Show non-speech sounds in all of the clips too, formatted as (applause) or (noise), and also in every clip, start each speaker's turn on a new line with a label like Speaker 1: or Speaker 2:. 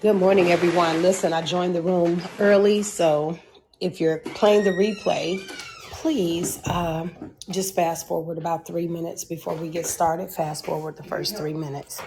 Speaker 1: Good morning, everyone. Listen, I joined the room early, so if you're playing the replay, please um, just fast forward about three minutes before we get started. Fast forward the first three minutes.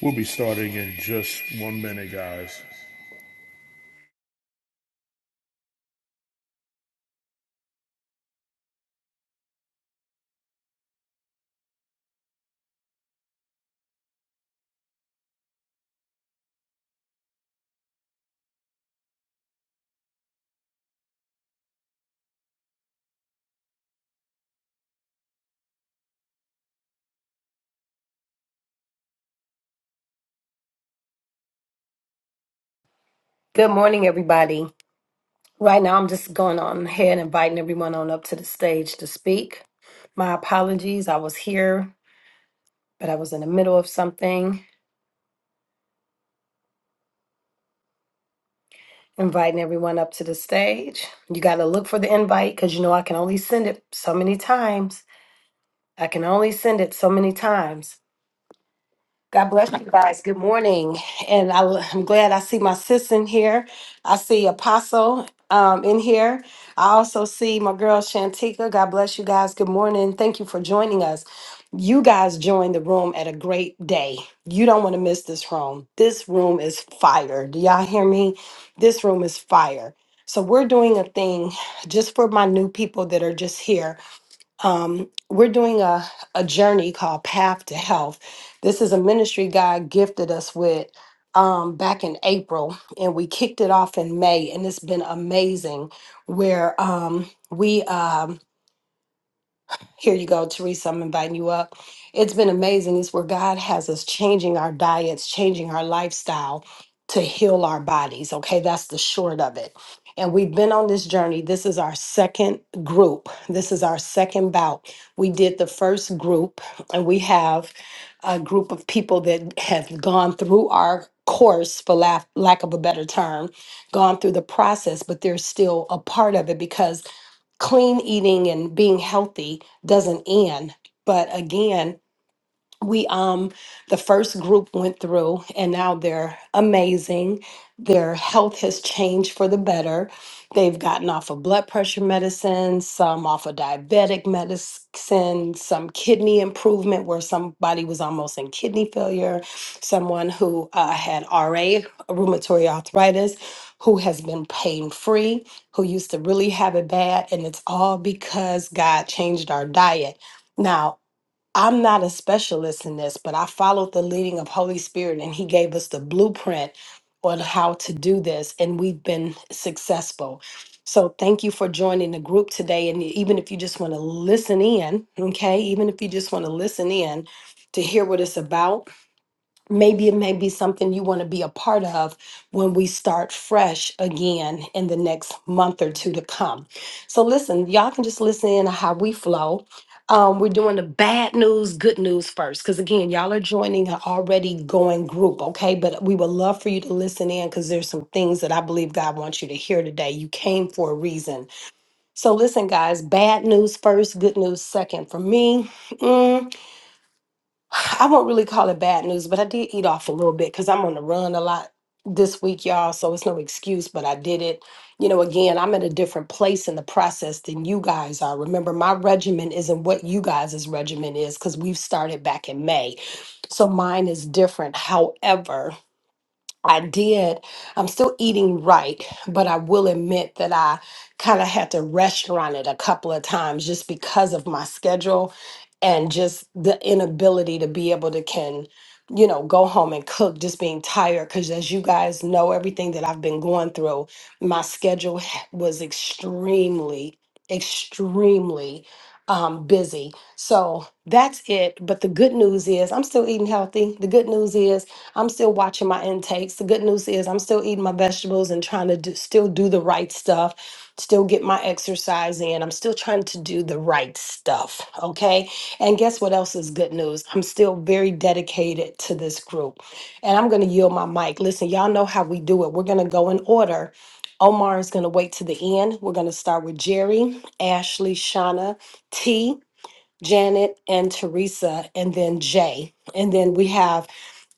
Speaker 2: We'll be starting in just one minute, guys.
Speaker 1: Good morning, everybody. Right now, I'm just going on ahead and inviting everyone on up to the stage to speak. My apologies, I was here, but I was in the middle of something. Inviting everyone up to the stage. You got to look for the invite because you know I can only send it so many times. I can only send it so many times. God bless you guys. Good morning. And I, am glad I see my sis in here. I see Apostle um, in here. I also see my girl Shantika. God bless you guys. Good morning. Thank you for joining us. You guys joined the room at a great day. You don't want to miss this room. This room is fire. Do y'all hear me? This room is fire. So, we're doing a thing just for my new people that are just here um, we're doing a, a journey called Path to Health. This is a ministry God gifted us with um, back in April, and we kicked it off in May, and it's been amazing. Where um, we um, here you go, Teresa. I'm inviting you up. It's been amazing. It's where God has us changing our diets, changing our lifestyle to heal our bodies. Okay, that's the short of it. And we've been on this journey. This is our second group. This is our second bout. We did the first group, and we have a group of people that have gone through our course, for lack, lack of a better term, gone through the process, but they're still a part of it because clean eating and being healthy doesn't end. But again, we um the first group went through and now they're amazing their health has changed for the better they've gotten off of blood pressure medicine some off of diabetic medicine some kidney improvement where somebody was almost in kidney failure someone who uh, had ra rheumatoid arthritis who has been pain free who used to really have it bad and it's all because god changed our diet now I'm not a specialist in this, but I followed the leading of Holy Spirit and he gave us the blueprint on how to do this and we've been successful. So thank you for joining the group today and even if you just want to listen in, okay? Even if you just want to listen in to hear what it's about, maybe it may be something you want to be a part of when we start fresh again in the next month or two to come. So listen, y'all can just listen in to how we flow. Um, we're doing the bad news, good news first, because again, y'all are joining an already going group, okay? But we would love for you to listen in because there's some things that I believe God wants you to hear today. You came for a reason. So listen, guys, bad news first, good news second. For me, mm, I won't really call it bad news, but I did eat off a little bit because I'm on the run a lot this week, y'all. So it's no excuse, but I did it. You know, again, I'm in a different place in the process than you guys are. Remember, my regimen isn't what you guys' regimen is because we've started back in May. So mine is different. However, I did. I'm still eating right, but I will admit that I kind of had to restaurant it a couple of times just because of my schedule and just the inability to be able to can, you know, go home and cook just being tired cuz as you guys know everything that I've been going through, my schedule (sighs) was extremely extremely um busy. So that's it, but the good news is I'm still eating healthy. The good news is I'm still watching my intakes. The good news is I'm still eating my vegetables and trying to do, still do the right stuff, still get my exercise in. I'm still trying to do the right stuff. Okay. And guess what else is good news? I'm still very dedicated to this group. And I'm going to yield my mic. Listen, y'all know how we do it. We're going to go in order. Omar is going to wait to the end. We're going to start with Jerry, Ashley, Shauna, T, Janet, and Teresa, and then Jay. And then we have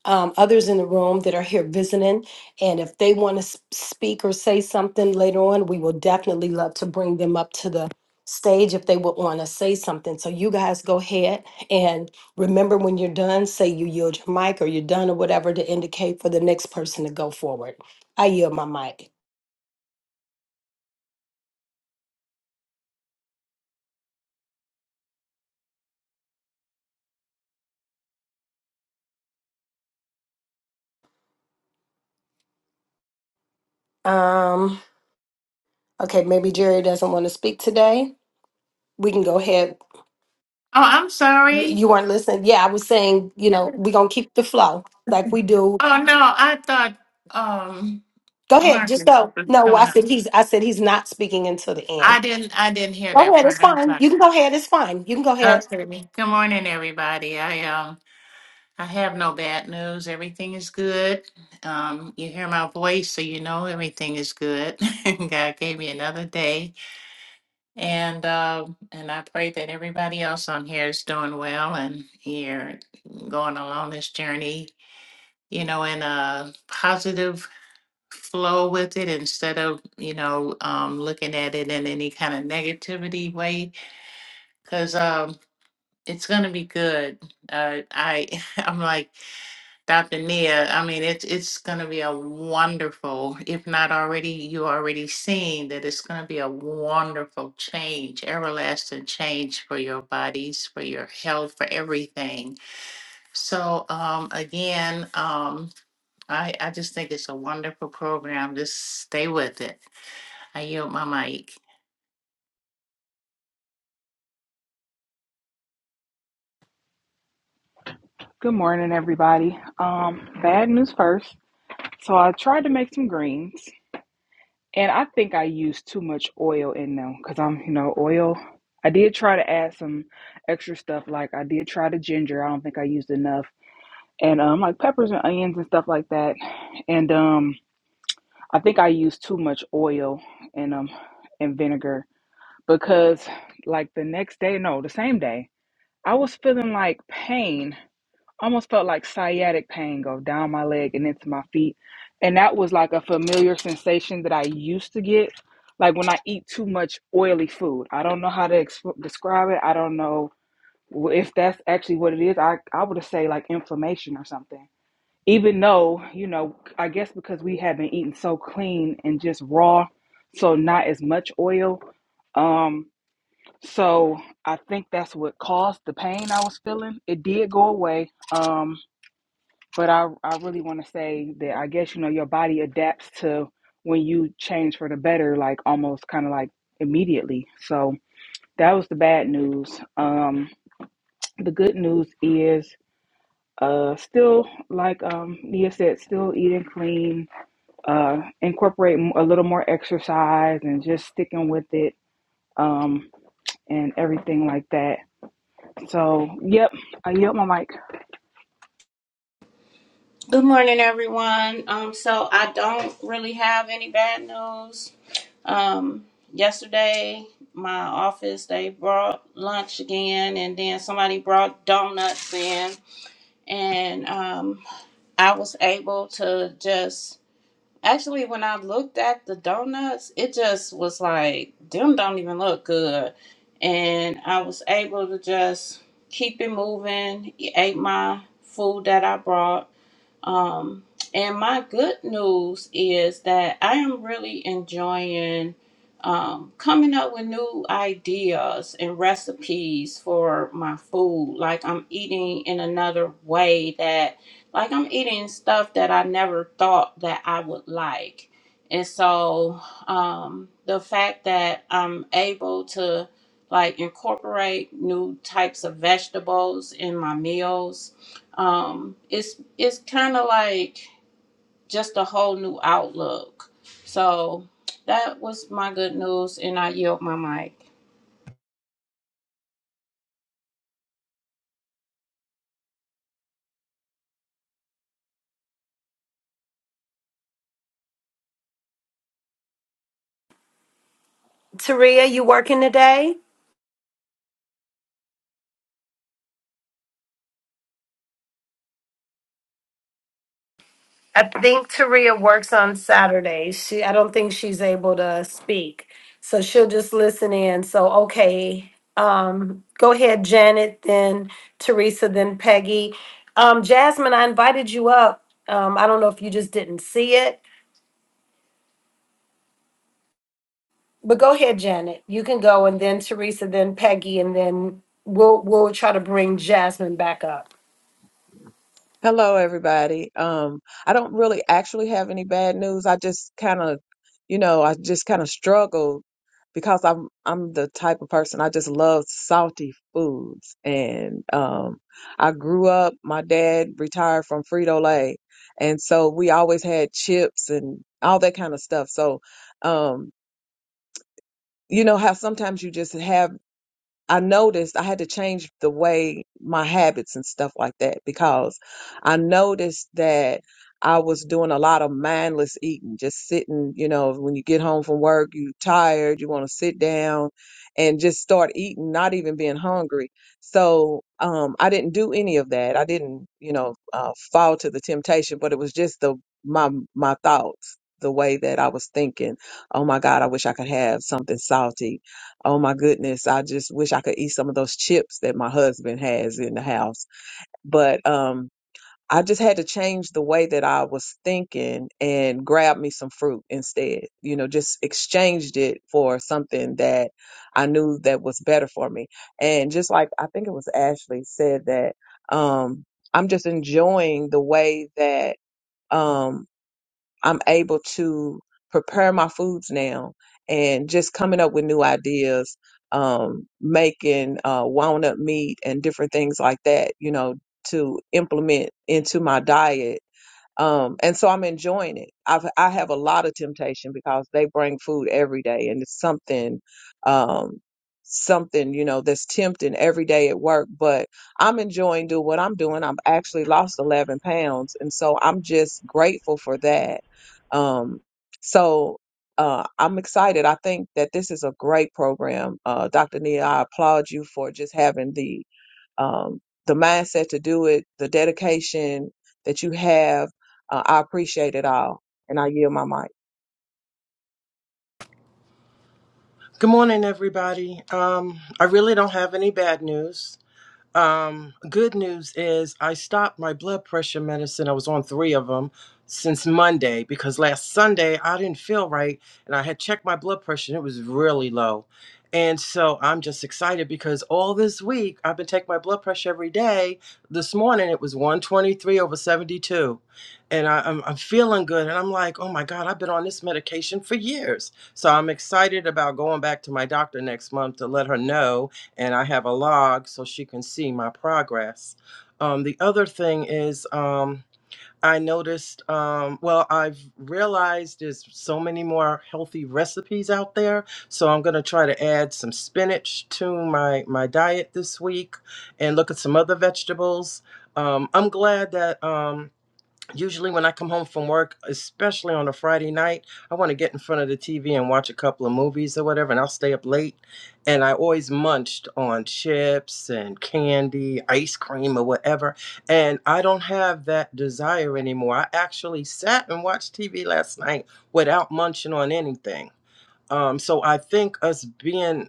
Speaker 1: um, others in the room that are here visiting. And if they want to speak or say something later on, we will definitely love to bring them up to the stage if they would want to say something. So you guys go ahead and remember when you're done, say you yield your mic or you're done or whatever to indicate for the next person to go forward. I yield my mic. Um, okay, maybe Jerry doesn't want to speak today. We can go ahead.
Speaker 3: Oh, I'm
Speaker 1: You
Speaker 3: sorry.
Speaker 1: you weren't listening. Yeah, I was saying, you know, we're going to keep the flow like we do
Speaker 3: Oh no, I thought um
Speaker 1: Go ahead. Just
Speaker 3: Marcus
Speaker 1: go.
Speaker 3: was
Speaker 1: No, I
Speaker 3: coming up.
Speaker 1: said he's. I said he's not speaking until the
Speaker 3: I
Speaker 1: end.
Speaker 3: didn't I didn't hear
Speaker 1: Go
Speaker 3: that
Speaker 1: ahead.
Speaker 3: part.
Speaker 1: It's
Speaker 3: I'm
Speaker 1: fine.
Speaker 3: sorry.
Speaker 1: You can go ahead. It's fine. You can go ahead.
Speaker 3: Okay. Good morning everybody. I um I have no bad news. Everything is good. Um you hear my voice so you know everything is good. (laughs) God gave me another day. And um and I pray that everybody else on here is doing well and you're going along this journey, you know, in a positive flow with it instead of, you know, um, looking at it in any kind of negativity way. Cause um, it's gonna be good. Uh, I (laughs) I'm like Dr. Nia. I mean, it's it's gonna be a wonderful, if not already, you already seeing that it's gonna be a wonderful change, everlasting change for your bodies, for your health, for everything. So um, again, um, I I just think it's a wonderful program. Just stay with it I yield my mic.
Speaker 4: Good morning, everybody. Um, bad news first. So I tried to make some greens, and I think I used too much oil in them because I'm, you know, oil. I did try to add some extra stuff, like I did try the ginger. I don't think I used enough, and um, like peppers and onions and stuff like that. And um, I think I used too much oil and um and vinegar because, like, the next day, no, the same day, I was feeling like pain almost felt like sciatic pain go down my leg and into my feet. And that was like a familiar sensation that I used to get, like when I eat too much oily food. I don't know how to ex- describe it. I don't know if that's actually what it is. I, I would say like inflammation or something. Even though, you know, I guess because we have been eating so clean and just raw, so not as much oil. Um, so I think that's what caused the pain I was feeling. It did go away. Um, but I, I really want to say that I guess you know your body adapts to when you change for the better, like almost kind of like immediately. So that was the bad news. Um, the good news is uh, still like um, Nia said, still eating clean, uh, incorporate a little more exercise, and just sticking with it um, and everything like that. So yep, I yep, my mic
Speaker 5: Good morning, everyone. Um, so I don't really have any bad news. Um, yesterday, my office they brought lunch again, and then somebody brought donuts in, and um, I was able to just actually when I looked at the donuts, it just was like them don't even look good, and I was able to just keep it moving. Ate my food that I brought um, and my good news is that I am really enjoying um, coming up with new ideas and recipes for my food. Like I'm eating in another way that, like I'm eating stuff that I never thought that I would like. And so um, the fact that I'm able to like incorporate new types of vegetables in my meals um it's it's kind of like just a whole new outlook so that was my good news and i yield my mic
Speaker 1: Taria, you working today? I think Taria works on Saturdays. She. I don't think she's able to speak, so she'll just listen in. So okay. Um, go ahead, Janet. Then Teresa. Then Peggy. Um, Jasmine, I invited you up. Um, I don't know if you just didn't see it. But go ahead, Janet. You can go, and then Teresa, then Peggy, and then we'll we'll try to bring Jasmine back up.
Speaker 6: Hello, everybody. Um, I don't really actually have any bad news. I just kind of, you know, I just kind of struggled because I'm I'm the type of person I just love salty foods, and um, I grew up. My dad retired from Frito Lay, and so we always had chips and all that kind of stuff. So, um, you know how sometimes you just have I noticed I had to change the way my habits and stuff like that because I noticed that I was doing a lot of mindless eating, just sitting, you know, when you get home from work, you tired, you want to sit down and just start eating, not even being hungry. So um, I didn't do any of that. I didn't, you know, uh, fall to the temptation, but it was just the my my thoughts, the way that I was thinking. Oh my God, I wish I could have something salty Oh my goodness, I just wish I could eat some of those chips that my husband has in the house. But um I just had to change the way that I was thinking and grab me some fruit instead. You know, just exchanged it for something that I knew that was better for me. And just like I think it was Ashley said that um I'm just enjoying the way that um I'm able to prepare my foods now and just coming up with new ideas, um, making uh, walnut meat and different things like that, you know, to implement into my diet um, and so I'm enjoying it. I've, I have a lot of temptation because they bring food every day and it's something, um, something, you know, that's tempting every day at work, but I'm enjoying doing what I'm doing. I've actually lost 11 pounds. And so I'm just grateful for that. Um, so, uh, I'm excited. I think that this is a great program. Uh, Dr. Nia, I applaud you for just having the um, the mindset to do it, the dedication that you have. Uh, I appreciate it all. And I yield my mic.
Speaker 7: Good morning, everybody. Um, I really don't have any bad news. Um, good news is I stopped my blood pressure medicine. I was on three of them since Monday because last Sunday I didn't feel right and I had checked my blood pressure and it was really low. And so I'm just excited because all this week I've been taking my blood pressure every day. This morning it was 123 over 72. And I, I'm, I'm feeling good. And I'm like, oh my God, I've been on this medication for years. So I'm excited about going back to my doctor next month to let her know and I have a log so she can see my progress. Um, the other thing is, um, I noticed, um, well, I've realized there's so many more healthy recipes out there. So I'm going to try to add some spinach to my, my diet this week and look at some other vegetables. Um, I'm glad that. Um, usually when I come home from work, especially on a Friday night, I want to get in front of the TV and watch a couple of movies or whatever, and I'll stay up late. And I always munched on chips and candy, ice cream, or whatever. And I don't have that desire anymore. I actually sat and watched TV last night without munching on anything. Um, so I think us being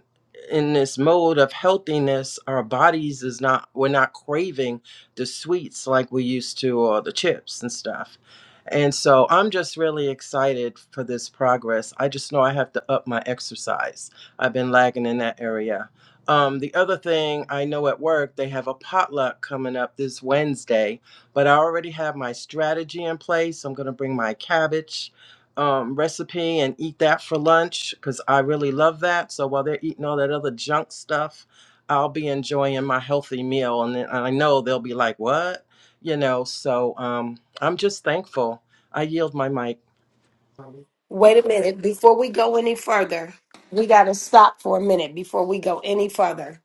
Speaker 7: in this mode of healthiness, our bodies is not we're not craving the sweets like we used to or the chips and stuff. And so I'm just really excited for this progress. I just know I have to up my exercise. I've been lagging in that area. Um, the other thing I know at work, they have a potluck coming up this Wednesday, but I already have my strategy in place. I'm going to bring my cabbage um, recipe and eat that for lunch because I really love that. So while they're eating all that other junk stuff, I'll be enjoying my healthy meal. And, then, I know they'll be like, what? You know, so um, I'm just thankful. I yield my mic.
Speaker 1: Wait a minute. Before we go any further, we got to stop for a minute before we go any further.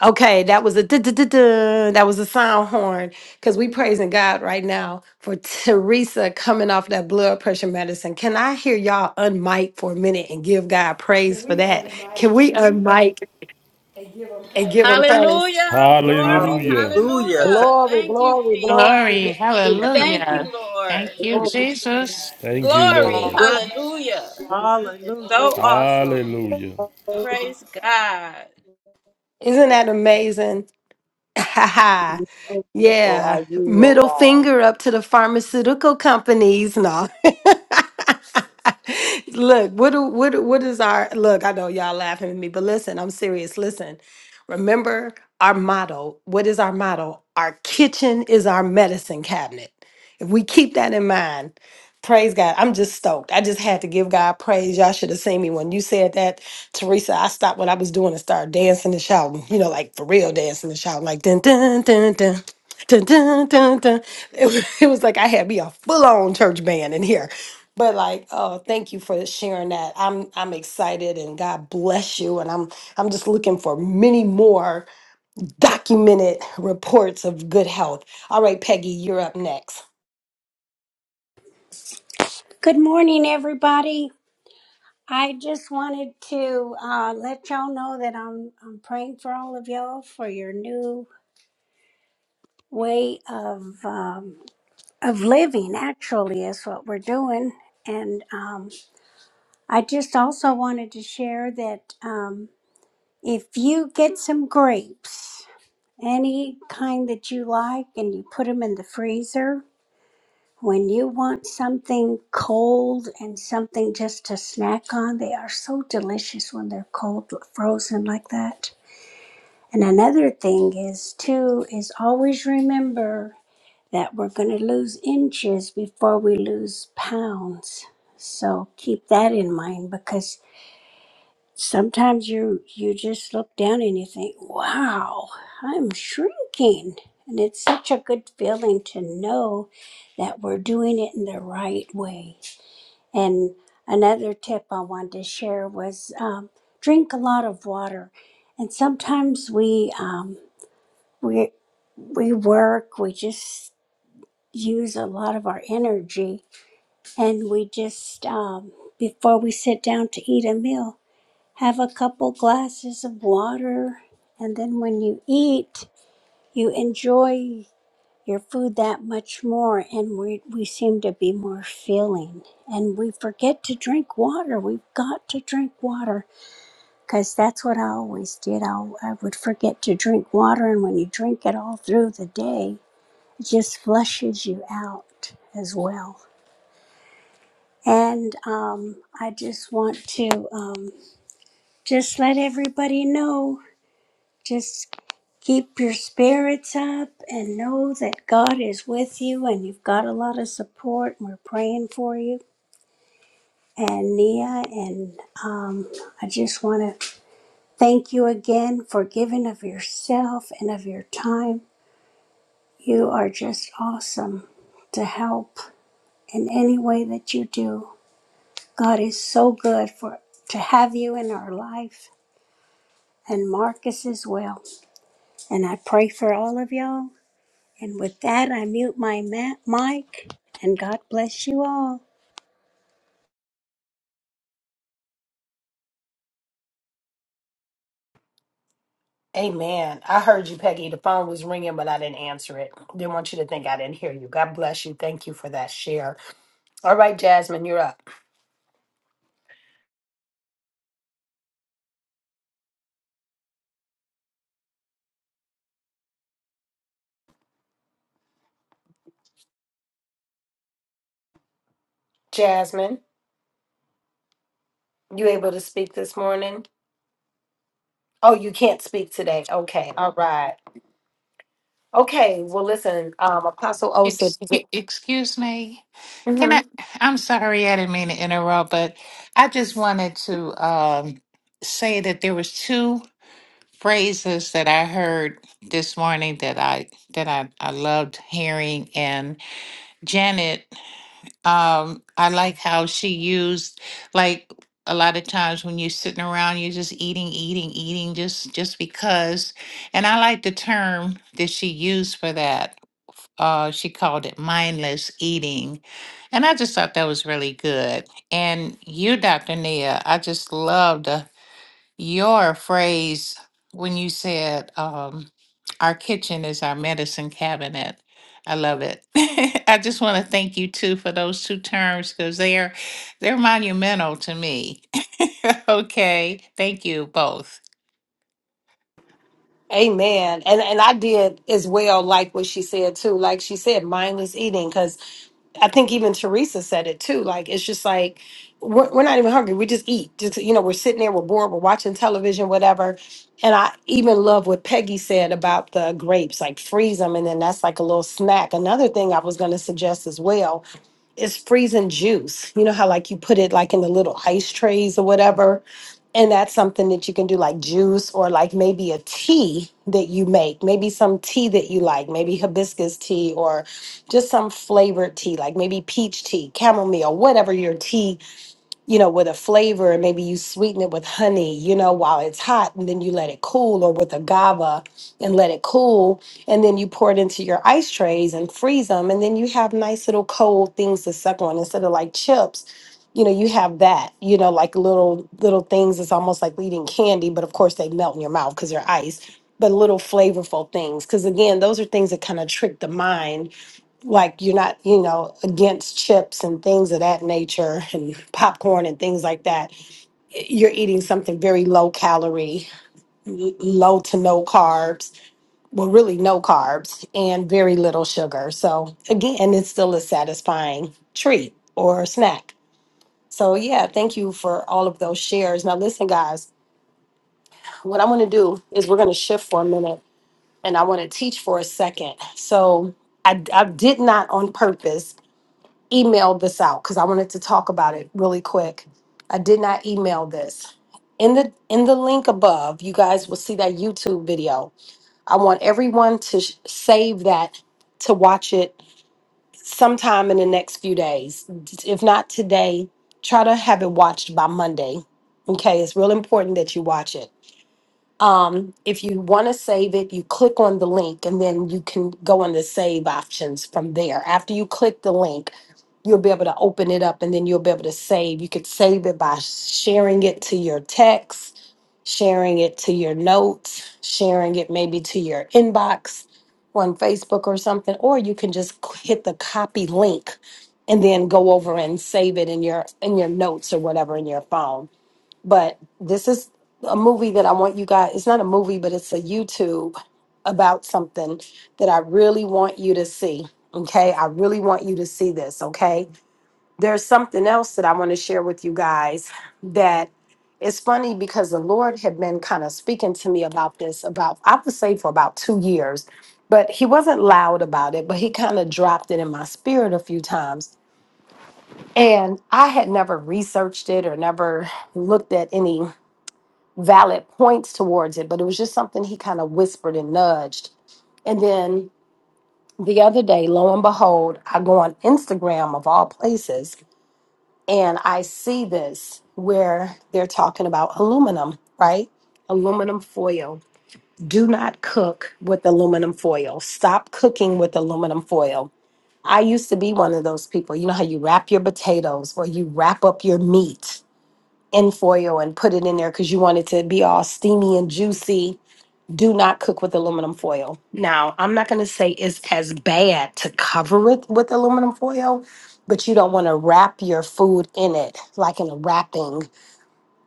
Speaker 1: Okay, that was a duh, duh, duh, duh, that was a sound horn because we praising God right now for Teresa coming off that blood pressure medicine. Can I hear y'all unmic for a minute and give God
Speaker 2: Can
Speaker 1: praise for
Speaker 2: we
Speaker 1: that?
Speaker 2: unmic
Speaker 1: Can we unmic
Speaker 2: and give them
Speaker 1: and
Speaker 2: praise?
Speaker 1: give Him praise?
Speaker 5: Hallelujah. Glory.
Speaker 2: Hallelujah.
Speaker 7: Hallelujah. Thank
Speaker 5: Hallelujah.
Speaker 6: Glory,
Speaker 5: Thank you,
Speaker 6: glory,
Speaker 5: Jesus.
Speaker 6: glory,
Speaker 3: Glory.
Speaker 6: glory,
Speaker 7: you.
Speaker 5: Thank
Speaker 6: glory.
Speaker 5: you,
Speaker 3: Hallelujah. Thank
Speaker 5: Lord.
Speaker 7: Thank
Speaker 3: you,
Speaker 7: you.
Speaker 6: Glory to
Speaker 3: Jesus.
Speaker 2: Thank you,
Speaker 5: Glory.
Speaker 2: Lord.
Speaker 6: God.
Speaker 7: Good.
Speaker 5: Hallelujah. You're
Speaker 7: Hallelujah.
Speaker 5: so awesome.
Speaker 2: Hallelujah.
Speaker 5: Praise God.
Speaker 1: Isn't that amazing? (laughs)
Speaker 6: We're so grateful
Speaker 1: yeah.
Speaker 6: are you, oh
Speaker 1: Middle
Speaker 6: God.
Speaker 1: finger up to the pharmaceutical companies. No. (laughs) look, what do, what do- what is our look, I know y'all laughing at me, but listen, I'm serious. Listen. Remember our motto. What is our motto? Our kitchen is our medicine cabinet. If we keep that in mind, Praise God. I'm just stoked. I just had to give God praise. Y'all should have seen me when you said that, Teresa. I stopped what I was doing and started dancing and shouting, you know, like for real dancing and shouting, like dun dun dun dun. Dun, dun, dun, dun. It, was, (laughs) it was like I had me a full on church band in here. But like, oh, thank you for sharing that. I'm I'm excited and God bless you. And I'm I'm just looking for many more documented reports of good health. All right, Peggy, you're up next.
Speaker 8: Good morning, everybody. I just wanted to uh, let y'all know that I'm I'm praying for all of y'all for your new way of um, of living. Actually, is what we're doing, and um, I just also wanted to share that um, if you get some grapes, any kind that you like, and you put them in the freezer, When you want something cold and something just to snack on, they are so delicious when they're cold, frozen like that. And another thing is, too, is always remember that we're going to lose inches before we lose pounds. So keep that in mind because sometimes you you just look down and you think, "Wow, I'm shrinking." And it's such a good feeling to know that we're doing it in the right way and another tip I wanted to share was um, drink a lot of water. And sometimes we um, we we work, we just use a lot of our energy, and we just um, before we sit down to eat a meal, have a couple glasses of water, and then when you eat, you enjoy your food that much more and we, we seem to be more filling and we forget to drink water we've got to drink water because that's what i always did I, I would forget to drink water and when you drink it all through the day it just flushes you out as well and um, i just want to um, just let everybody know Just keep your spirits up and know that God is with you and you've got a lot of support. We're praying for you. And Nia, and um, I just want to thank you again for giving of yourself and of your time. You are just awesome to help in any way that you do. God is so good for to have you in our life and Marcus as well. And I pray for all of y'all And with that, I mute my ma- mic and God bless you all.
Speaker 1: Amen. I heard you, Peggy. The phone was ringing, but I didn't answer it. Didn't want you to think I didn't hear you. God bless you. Thank you for that share. All right, Jasmine, you're up. Jasmine, you able to speak this morning? Oh, you can't speak today. Okay. All right. Okay. Well, listen, um, Apostle O said.
Speaker 3: Ex- e-, excuse me. Can I? I'm sorry, I didn't mean to interrupt, but I just wanted to um, say that there was two phrases that I heard this morning that I that I, I loved hearing, and Janet. Um, I like how she used like a lot of times when you're sitting around, you're just eating, eating, eating, just just because. And I like the term that she used for that. Uh, she called it mindless eating, and I just thought that was really good. And you, Dr. Nia, I just loved. uh, your phrase when you said, um, our kitchen is our medicine cabinet. I love it. (laughs) I just want to thank you too for those two terms because they're they're monumental to me. (laughs) okay. Thank you both.
Speaker 1: Amen. And and I did as well like what she said too. Like she said, mindless eating, because I think even Teresa said it too. Like it's just like we're, we're not even hungry. We just eat. Just you know, we're sitting there, we're bored, we're watching television, whatever. And I even love what Peggy said about the grapes, like freeze them, and then that's like a little snack. Another thing I was going to suggest as well is freezing juice. You know how like you put it like in the little ice trays or whatever and that's something that you can do like juice or like maybe a tea that you make, maybe some tea that you like, maybe hibiscus tea or just some flavored tea, like maybe peach tea, chamomile, whatever your tea you know, with a flavor and maybe you sweeten it with honey, you know, while it's hot and then you let it cool or with agave and let it cool. And then you pour it into your ice trays and freeze them. And then you have nice little cold things to suck on instead of like chips. You know, you have that, you know, like little little things. It's almost like eating candy, but of course they melt in your mouth because they're ice. But little flavorful things. Cause again, those are things that kind of trick the mind like you're not, you know, against chips and things of that nature (laughs) and popcorn and things like that. You're eating something very low calorie, l- low to no carbs, well, really no carbs, and very little sugar. So, again, it's still a satisfying treat or snack. So, yeah, thank you for all of those shares. Now, listen, guys, what I want to do is we're going to shift for a minute and I want to teach for a second. So, I, I did not on purpose emailed this out because I wanted to talk about it really quick. I did not email this. In the in the link above, you guys will see that YouTube video. I want everyone to sh- save that to watch it sometime in the next few days. If not today, try to have it watched by Monday. Okay, it's real important that you watch it um, if you want to save it, you click on the link and then you can go on the save options from there. After you click the link, you'll be able to open it up and then you'll be able to save. You could save it by sharing it to your text, sharing it to your notes, sharing it maybe to your inbox on Facebook or something, or you can just c- hit the copy link and then go over and save it in your in your notes or whatever in your phone but this is a movie that I want you guys, it's not a movie, but it's a YouTube about something that I really want you to see. Okay. I really want you to see this. Okay. There's something else that I want to share with you guys that it's funny because the Lord had been kind of speaking to me about this about, I would say, for about two years, but He wasn't loud about it, but He kind of dropped it in my spirit a few times. And I had never researched it or never looked at any valid points towards it, but it was just something he kind of whispered and nudged. And then the other day, lo and behold, I go on Instagram of all places and I see this where they're talking about aluminum, right? Aluminum foil. Do not cook with aluminum foil. Stop cooking with aluminum foil. I used to be one of those people. You know how you wrap your potatoes or you wrap up your meat in foil and put it in there because you want it to be all steamy and juicy do not cook with aluminum foil. Now, I'm not going to say it's as bad to cover it with aluminum foil, but you don't want to wrap your food in it like in a wrapping.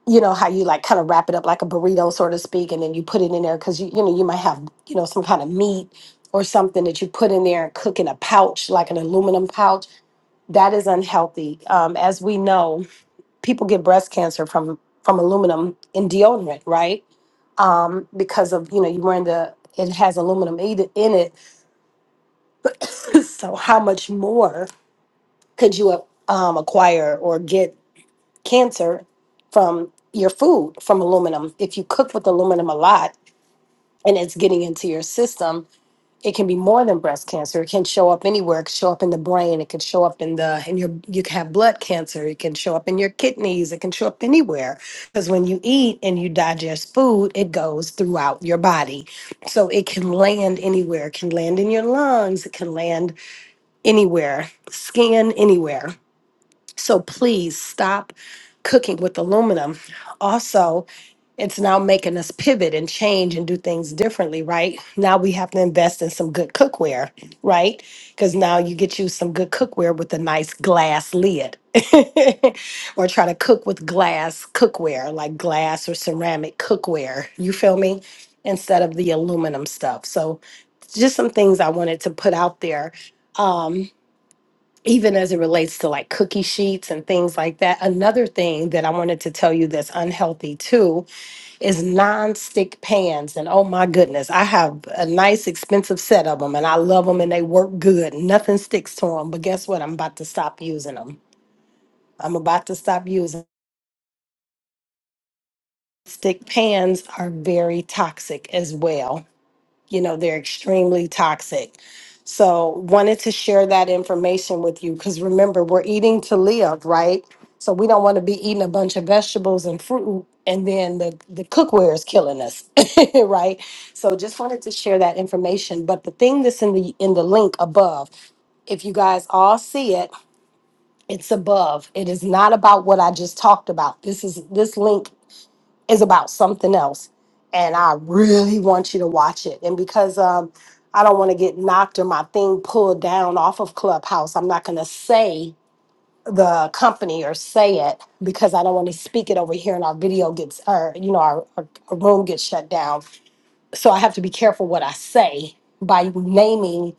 Speaker 1: You know how you like kind of wrap it up like a burrito, so to speak, and then you put it in there because you you know you might have you know some kind of meat or something that you put in there and cook in a pouch like an aluminum pouch. That is unhealthy, um, as we know people get breast cancer from from aluminum in deodorant, right? Um, because of you know you wearing the it has aluminum in in it. (laughs) (coughs) so how much more could you uh, um, acquire or get cancer from your food from aluminum if you cook with aluminum a lot and it's getting into your system? it can be more than breast cancer. It can show up anywhere. It can show up in the brain. It can show up in the in your you can have blood cancer. It can show up in your kidneys. It can show up anywhere. Because when you eat and you digest food, it goes throughout your body. So it can land anywhere. It can land in your lungs. It can land anywhere. Skin anywhere. So please stop cooking with aluminum. Also, it's now making us pivot and change and do things differently, right? Now we have to invest in some good cookware, right? Because now you get you some good cookware with a nice glass lid. (laughs) or try to cook with glass cookware, like glass or ceramic cookware. You feel me? Instead of the aluminum stuff. So, just some things I wanted to put out there. Um, even as it relates to like cookie sheets and things like that. Another thing that I wanted to tell you that's unhealthy too is non-stick pans. And oh my goodness, I have a nice expensive set of them and I love them and they work good. Nothing sticks to them. But guess what? I'm about to stop using them. I'm about to stop using stick pans are very toxic as well. you know they're extremely toxic so wanted to share that information with you because remember we're eating to live right so we don't want to be eating a bunch of vegetables and fruit and then the, the cookware is killing us (laughs) right so just wanted to share that information but the thing that's in the in the link above if you guys all see it it's above it is not about what i just talked about this is this link is about something else. And I really want you to watch it. And because um, I don't want to get knocked or my thing pulled down off of Clubhouse, I'm not going to say the company or say it because I don't want to speak it over here and our video gets, or, you know, our, our, our room gets shut down. So I have to be careful what I say by naming,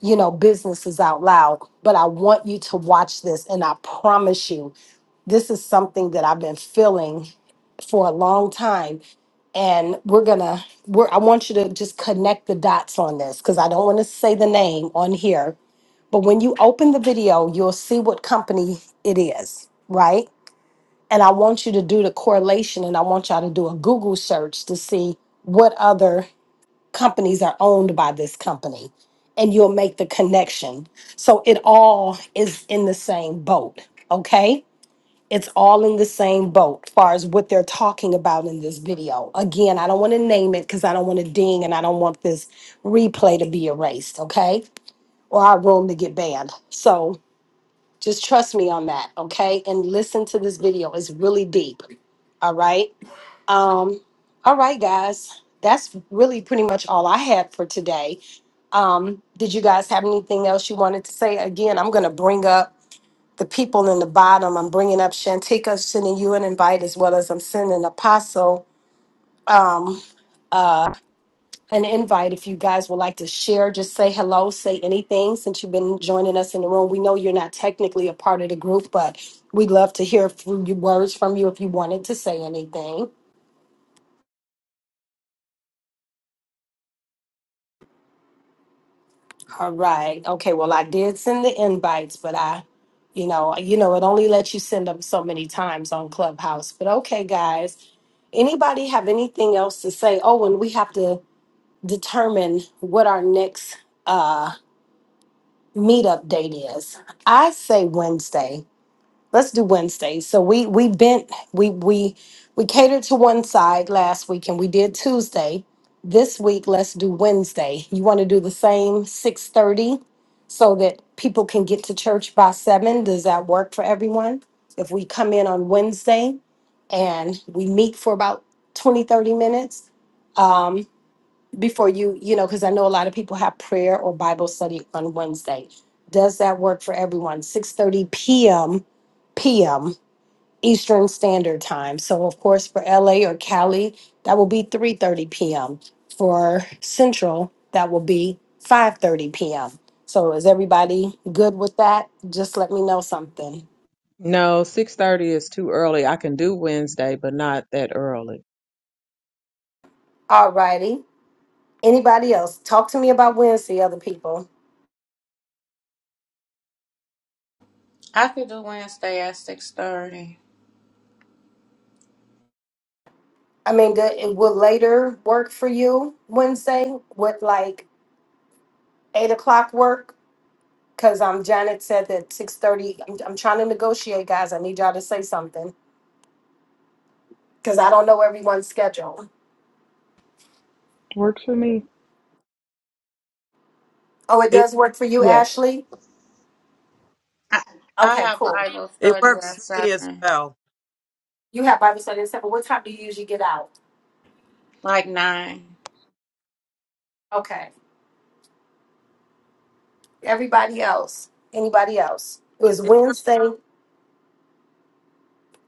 Speaker 1: you know, businesses out loud. But I want you to watch this and I promise you this is something that I've been feeling for a long time. And we're gonna, we're, I want you to just connect the dots on this because I don't want to say the name on here. But when you open the video, you'll see what company it is, right? And I want you to do the correlation and I want y'all to do a Google search to see what other companies are owned by this company. And you'll make the connection. So it all is in the same boat, okay? it's all in the same boat far as what they're talking about in this video again i don't want to name it because i don't want to ding and i don't want this replay to be erased okay or our room to get banned so just trust me on that okay and listen to this video it's really deep all right um all right guys that's really pretty much all i had for today um did you guys have anything else you wanted to say again i'm gonna bring up the people in the bottom. I'm bringing up Shantika, sending you an invite, as well as I'm sending Apostle um, uh, an invite. If you guys would like to share, just say hello, say anything since you've been joining us in the room. We know you're not technically a part of the group, but we'd love to hear from you, words from you if you wanted to say anything. All right. Okay. Well, I did send the invites, but I you know you know it only lets you send them so many times on clubhouse but okay guys anybody have anything else to say oh and we have to determine what our next uh meetup date is. I say Wednesday. Let's do Wednesday. So we we bent we we we catered to one side last week and we did Tuesday. This week let's do Wednesday. You want to do the same 6:30 so that people can get to church by 7. Does that work for everyone? If we come in on Wednesday and we meet for about 20 30 minutes, um, before you, you know, because I know a lot of people have prayer or Bible study on Wednesday. Does that work for everyone? 6:30 p.m. p.m. Eastern Standard Time. So of course for LA or Cali, that will be 3:30 p.m. For Central, that will be 5:30 p.m. So is everybody good with that? Just let me know something.
Speaker 6: No, 6.30 is too early. I can do Wednesday, but not that early.
Speaker 1: All righty. Anybody else? Talk to me about Wednesday, other people.
Speaker 5: i could do wednesday at 6.30
Speaker 1: I mean, do, it will later work for you Wednesday with like eight o'clock work? Cause um, Janet said that six thirty. I'm, I'm trying to negotiate, guys. I need y'all to say something because I don't know everyone's schedule.
Speaker 4: works for me.
Speaker 1: Oh, it
Speaker 7: It,
Speaker 1: does work for you,
Speaker 4: Yes,
Speaker 1: Ashley.
Speaker 5: i, I
Speaker 1: Okay,
Speaker 5: have
Speaker 1: cool.
Speaker 5: bible
Speaker 7: it
Speaker 5: study
Speaker 7: works
Speaker 5: at
Speaker 7: for
Speaker 5: 7
Speaker 7: me as well.
Speaker 1: You have Bible study at but What time do you usually get out?
Speaker 5: like 9
Speaker 1: Okay. Everybody else. Anybody else? It was
Speaker 7: It works.
Speaker 1: Wednesday.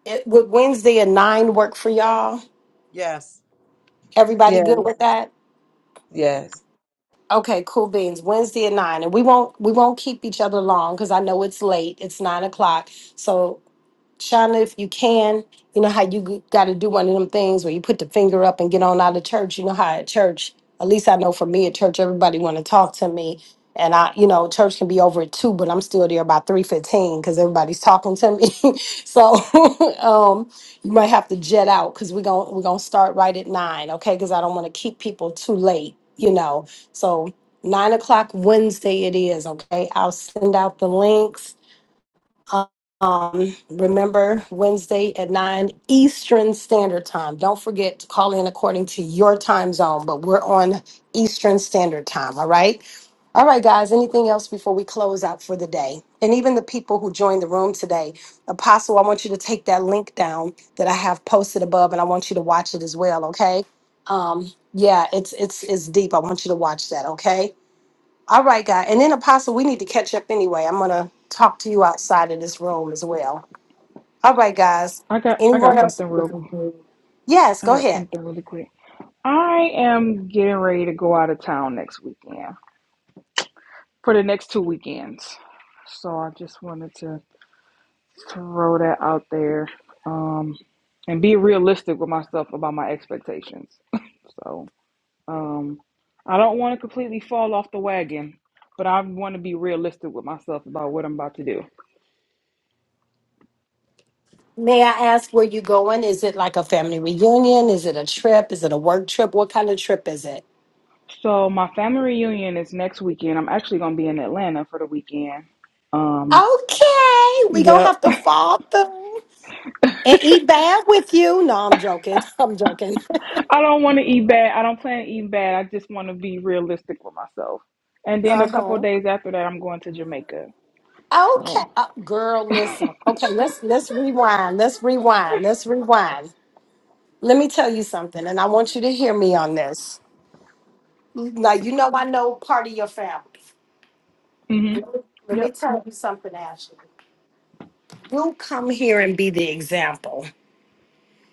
Speaker 1: It would Wednesday at nine work for y'all?
Speaker 7: Yes.
Speaker 1: Everybody
Speaker 6: Yes,
Speaker 1: good with that?
Speaker 6: yes.
Speaker 1: Okay, cool beans. Wednesday at nine, and we won't we won't keep each other long because I know it's late. It's nine o'clock, so Shauna, if you can, you know how you got to do one of them things where you put the finger up and get on out of church. You know how at church, at least I know for me at church, everybody want to talk to me, and I, you know, church can be over at two, but I'm still there by three fifteen because everybody's talking to me. (laughs) so (laughs) um, you might have to jet out because we're gonna we're gonna start right at nine, okay? Because I don't want to keep people too late, you know. So nine o'clock Wednesday it is, okay? I'll send out the links um, remember Wednesday at 9 Eastern Standard Time. Don't forget to call in according to your time zone, but we're on Eastern Standard Time, all right? All right, guys, anything else before we close out for the day? And even the people who joined the room today, Apostle, I want you to take that link down that I have posted above and I want you to watch it as well, okay? Um, yeah, it's it's it's deep. I want you to watch that, okay? All right, guy. And then Apostle, we need to catch up anyway. I'm gonna talk to you outside of this room as well. All right, guys.
Speaker 4: I got I
Speaker 1: Anyone
Speaker 4: got
Speaker 1: else?
Speaker 4: something real.
Speaker 1: Yes,
Speaker 4: I
Speaker 1: go
Speaker 4: got
Speaker 1: ahead.
Speaker 4: something really quick. I am getting ready to go out of town next weekend for the next two weekends. So I just wanted to throw that out there um, and be realistic with myself about my expectations. (laughs) So um, I don't want to completely fall off the wagon, but I want to be realistic with myself about what I'm about to do.
Speaker 1: May I ask where you going? Is it like a family reunion? Is it a trip? Is it a work trip? What kind of trip is it?
Speaker 4: So my family reunion is next weekend. I'm actually going to be in Atlanta for the weekend. Um,
Speaker 1: Okay, we gonna
Speaker 4: yep.
Speaker 1: have to fall through and eat bad with you. No, I'm joking. I'm joking.
Speaker 4: I don't want to eat bad. I don't plan to eat bad. I just want to be realistic with myself. And
Speaker 1: (laughs)
Speaker 4: then a couple of
Speaker 1: uh-huh.
Speaker 4: days after that, I'm going to Jamaica.
Speaker 1: Okay,
Speaker 4: So,
Speaker 1: uh, girl, listen. Okay, let's let's rewind. Let's rewind. Let's rewind. Let me tell you something, and I want you to hear me on this. Now, you know, I know part of your family.
Speaker 4: hmm
Speaker 1: Let me let me
Speaker 4: yep,
Speaker 1: tell you something, Ashley. You come here and be the example.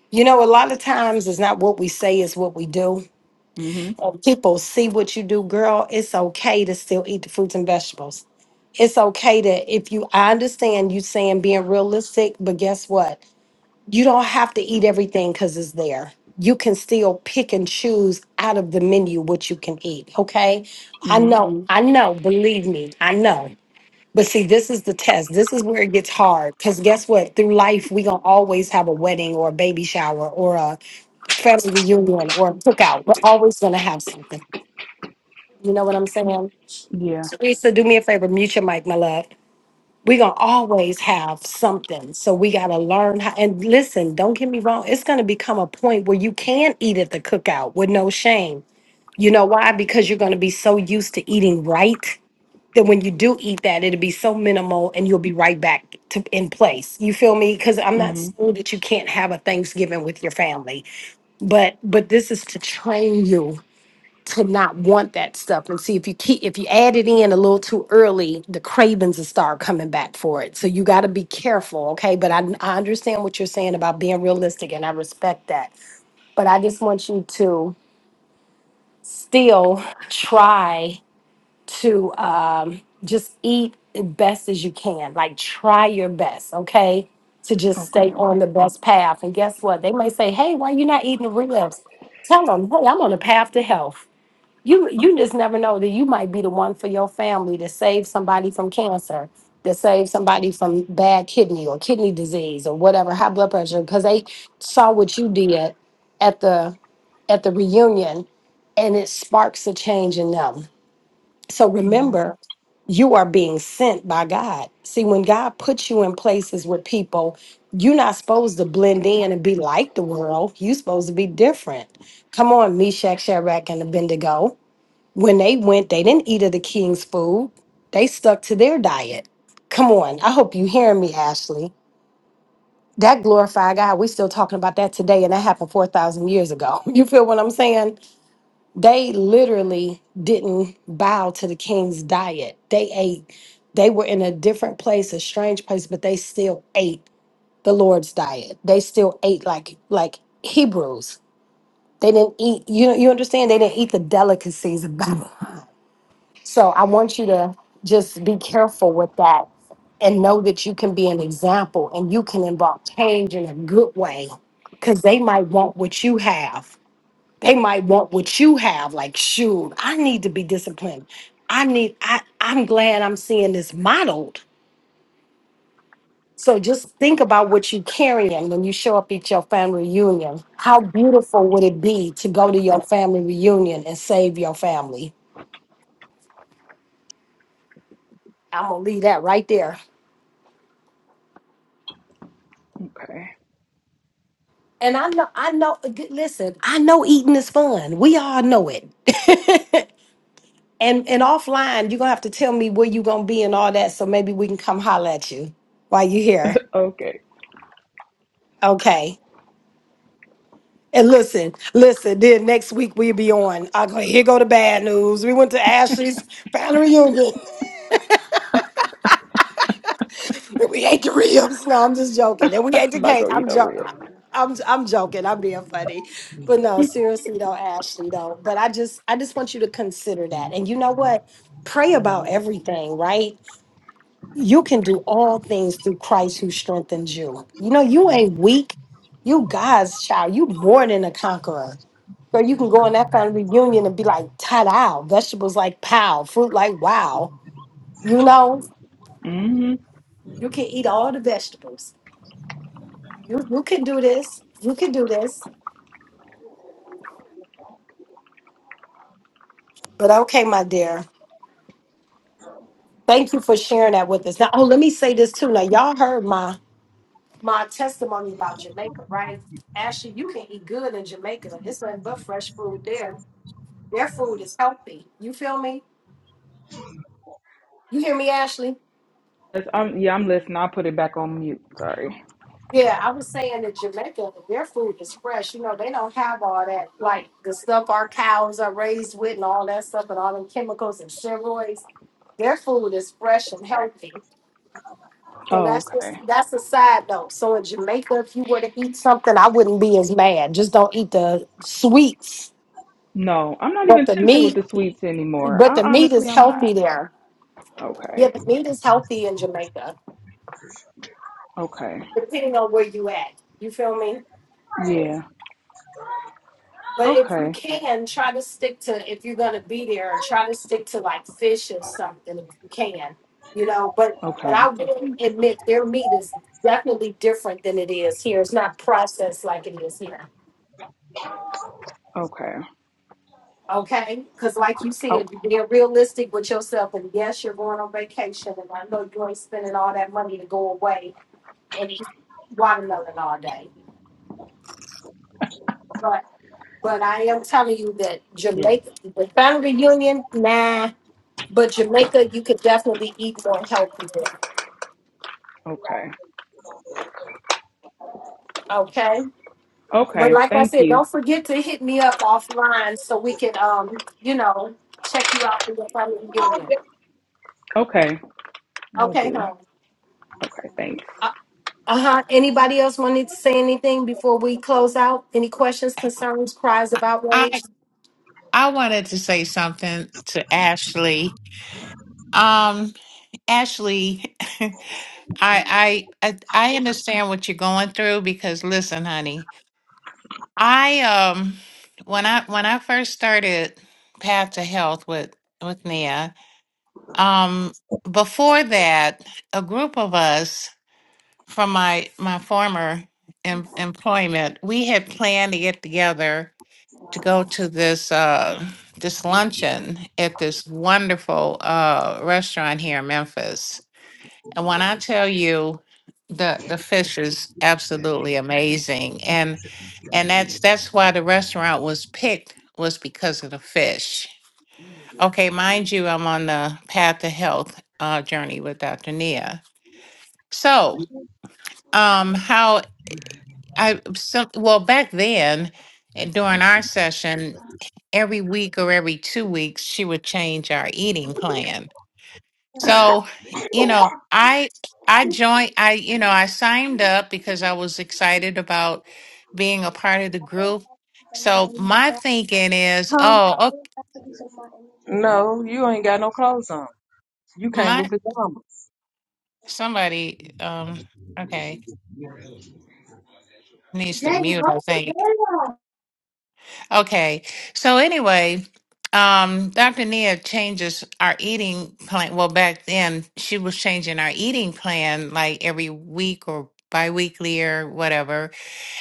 Speaker 1: You know, a lot of times it's not what we say, it's what we do.
Speaker 4: hmm
Speaker 1: And people see what you do, girl. It's okay to still eat the fruits and vegetables. It's okay to, if you, I understand you saying being realistic, but guess what? you don't have to eat everything because it's there. You can still pick and choose out of the menu what you can eat. Okay. I
Speaker 4: hmm
Speaker 1: know, Mhm. I know, believe me, I know. But see, this is the test. This is where it gets hard. Because guess what? Through life, we're going to always have a wedding or a baby shower or a family reunion or a cookout. We're always going to have something. You know what I'm saying?
Speaker 4: yeah,
Speaker 1: Teresa, do me a favor, mute your mic, my love we're gonna always have something so we gotta learn how and listen don't get me wrong it's gonna become a point where you can eat at the cookout with no shame you know why because you're gonna be so used to eating right that when you do eat that it'll be so minimal and you'll be right back to in place you feel me because i'm not
Speaker 4: hmm
Speaker 1: saying that you can't have a thanksgiving with your family but but this is to train you to not want that stuff. And see if you keep if you add it in a little too early, the cravings will start coming back for it. So you got to be careful, okay? But I, I understand what you're saying about being realistic, and I respect that. But I just want you to still try to um, just eat as best as you can. Like try your best, okay? To just
Speaker 4: okay,
Speaker 1: stay on the best path. And guess what? They may say, "Hey, why you not eating the ribs?" Tell them, "Hey, I'm on a path to health." you you just never know that you might be the one for your family to save somebody from cancer to save somebody from bad kidney or kidney disease or whatever high blood pressure because they saw what you did at the at the reunion and it sparks a change in them so
Speaker 4: yeah,
Speaker 1: remember you are being sent by god see when god puts you in places with people you're not supposed to blend in and be like the world you're supposed to be different come on meshach shadrach and abednego when they went, they didn't eat of the king's food. They stuck to their diet. Come on. I hope you hearing me, Ashley. That glorified God, we still talking about that today, and that happened 4,000 years ago. (laughs) You feel what I'm saying? They literally didn't bow to the king's diet. They ate. They were in a different place, a strange place, but they still ate the Lord's diet. They still ate like like Hebrews. They didn't eat, you you understand? They didn't eat the delicacies of Babylon. So I want you to just be careful with that and know that you can be an example and you can involve change in a good way because they might want what you have. They might want what you have. Like, shoot, I need to be disciplined. I need, I, I'm glad I'm seeing this modeled. So just think about what you carrying when you show up at your family reunion. How beautiful would it be to go to your family reunion and save your family? I'm gonna leave that right there.
Speaker 4: okay,
Speaker 1: And I know, I know. g- Listen, I know eating is fun. We all know it. (laughs) and and offline, you're gonna have to tell me where you gonna be and all that, so maybe we can come holler at you while you here.
Speaker 4: okay.
Speaker 1: Okay. And listen, listen. Then next week we'll be on. I go here. Go the bad news. We went to Ashley's family reunion. Then we ate the ribs. No, I'm just joking. And we ate the
Speaker 4: I'm not
Speaker 1: cake.
Speaker 4: gonna
Speaker 1: I'm
Speaker 4: eat over
Speaker 1: joking.
Speaker 4: it.
Speaker 1: I'm I'm joking. I'm being funny, but no, seriously though, Ashley though. But I just I just want you to consider that. And you know what? Pray about everything, right? You can do all things through Christ who strengthens you. You know you ain't weak. You God's child. You more than a conqueror. Girl, you can go in that kind of reunion and be like, ta-da! Vegetables like pow, fruit like wow. You know,
Speaker 4: hmm
Speaker 1: you can eat all the vegetables You, you can do this. You can do this. But okay, my dear. Thank you for sharing that with us. Now, oh, let me say this too. Now, y'all heard my my testimony about Jamaica, right? Ashley, you can eat good in Jamaica. It's nothing but fresh food there. Their food is healthy. You feel me? You hear me, Ashley?
Speaker 4: I'm, yeah, I'm listening. I'll put it back on mute. Sorry.
Speaker 1: Yeah, I was saying that Jamaica, their food is fresh. You know, they don't have all that, like the stuff our cows are raised with and all that stuff and all them chemicals and steroids. Their food is fresh and healthy So
Speaker 4: Oh,
Speaker 1: that's just
Speaker 4: okay.
Speaker 1: that's a side note. So in Jamaica, if you were to eat something, I wouldn't be as mad. Just don't eat the sweets.
Speaker 4: No, I'm not
Speaker 1: But
Speaker 4: even
Speaker 1: the
Speaker 4: tempted with
Speaker 1: meat,
Speaker 4: the sweets anymore.
Speaker 1: but the
Speaker 4: I
Speaker 1: meat
Speaker 4: honestly,
Speaker 1: is
Speaker 4: I'm not.
Speaker 1: healthy there. Yeah,
Speaker 4: Okay,
Speaker 1: the meat is healthy in Jamaica,
Speaker 4: okay,
Speaker 1: depending on where you at. You feel me?
Speaker 4: yeah,
Speaker 1: But if you
Speaker 4: okay,
Speaker 1: can, try to stick to if you're gonna be there, try to stick to like fish or something if you can. You know, but but
Speaker 4: okay,
Speaker 1: I will admit their meat is definitely different than it is here. It's not processed like it is here.
Speaker 4: okay,
Speaker 1: Okay, because like you said,
Speaker 4: okay.
Speaker 1: you're being realistic with yourself, and yes, you're going on vacation, and I know you ain't spending all that money to go away and eat watermelon all day. But but I am telling you that
Speaker 4: Yes.
Speaker 1: Jamaica, the family reunion, nah. But Jamaica, you could definitely eat more healthy there.
Speaker 4: Okay.
Speaker 1: Okay, but
Speaker 4: Okay.
Speaker 1: like I
Speaker 4: Thank
Speaker 1: said,
Speaker 4: you.
Speaker 1: don't forget to hit me up offline so we can um you know check you out for your family reunion.
Speaker 4: Okay. We'll
Speaker 1: Okay,
Speaker 4: do.
Speaker 1: honey.
Speaker 4: Okay. Thanks.
Speaker 1: Uh, Uh huh. Anybody else wanted to say anything before we close out? Any questions, concerns, cries of
Speaker 3: I
Speaker 1: outrage?
Speaker 3: I wanted to say something to Ashley. Um Ashley, (laughs) I I I I understand what you're going through because listen, honey, I um when I when I first started Path to Health with with Nia, um before that, a group of us from my my former em- employment, we had planned to get together to go to this uh this luncheon at this wonderful uh restaurant here in Memphis. And when I tell you the the fish is absolutely amazing. and. And that's that's why the restaurant was picked was because of the fish. Okay, mind you, I'm on the path to health uh, journey with Dr. Nia. So, um, how I so well back then eh, during our session, every week or every two weeks, she would change our eating plan. So, you know, I I joined I you know, I signed up because I was excited about being a part of the group. So, my thinking is, oh, okay,
Speaker 6: No, you ain't got no clothes on. You came with
Speaker 3: my
Speaker 6: pajamas.
Speaker 3: somebody um okay, needs to mute, I think. Okay. So anyway, um Dr. Nia changes our eating plan. Well, back then she was changing our eating plan like every week or biweekly or whatever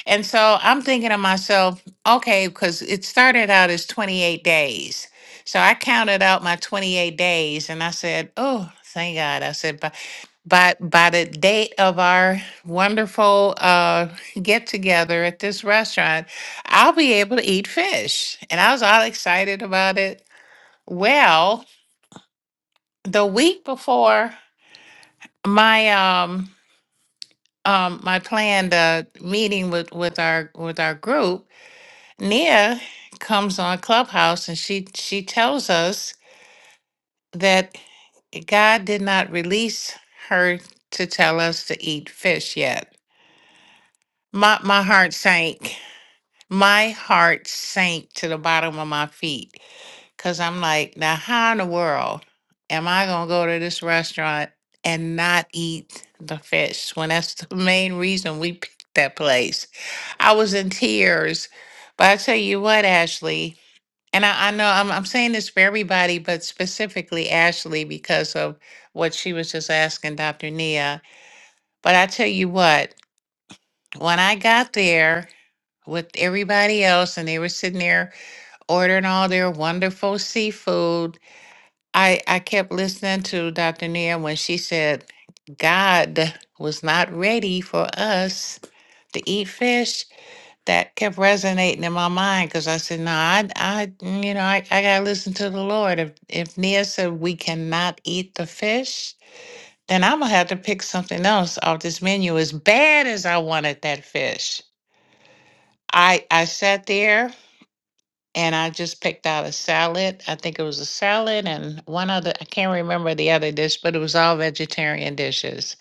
Speaker 3: And so I'm thinking to myself, okay, because it started out as 28 days. So I counted out my 28 days and I said, oh, thank God. I said, by, by, by the date of our wonderful uh, get together at this restaurant, I'll be able to eat fish. And I was all excited about it. Well, the week before my, um, um, my planned uh, meeting with, with our with our group, Nia comes on Clubhouse and she she tells us that God did not release her to tell us to eat fish yet. My my heart sank. My heart sank to the bottom of my feet cuz I'm like, now how in the world am I going to go to this restaurant and not eat the fish when that's the main reason we picked that place. I was in tears. But I tell you what, Ashley, And I, I know I'm, I'm saying this for everybody, but specifically Ashley because of what she was just asking Dr. Nia. But I tell you what, when I got there with everybody else and they were sitting there ordering all their wonderful seafood, I, I kept listening to Dr. Nia when she said, God was not ready for us to eat fish. that kept resonating in my mind because I said, "No, I, I, you know, I, I gotta listen to the Lord. If if Nia said we cannot eat the fish, then I'm gonna have to pick something else off this menu. As bad as I wanted that fish, I I sat there and I just picked out a salad. I think it was a salad and one other. I can't remember the other dish, but it was all vegetarian dishes.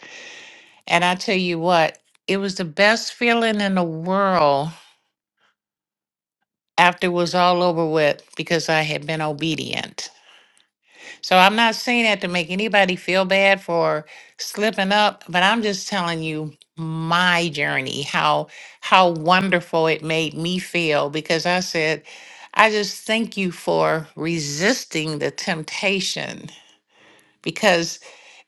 Speaker 3: And I tell you what, it was the best feeling in the world after it was all over with because I had been obedient. So I'm not saying that to make anybody feel bad for slipping up, but I'm just telling you my journey, how how wonderful it made me feel because I said, I just thank you for resisting the temptation because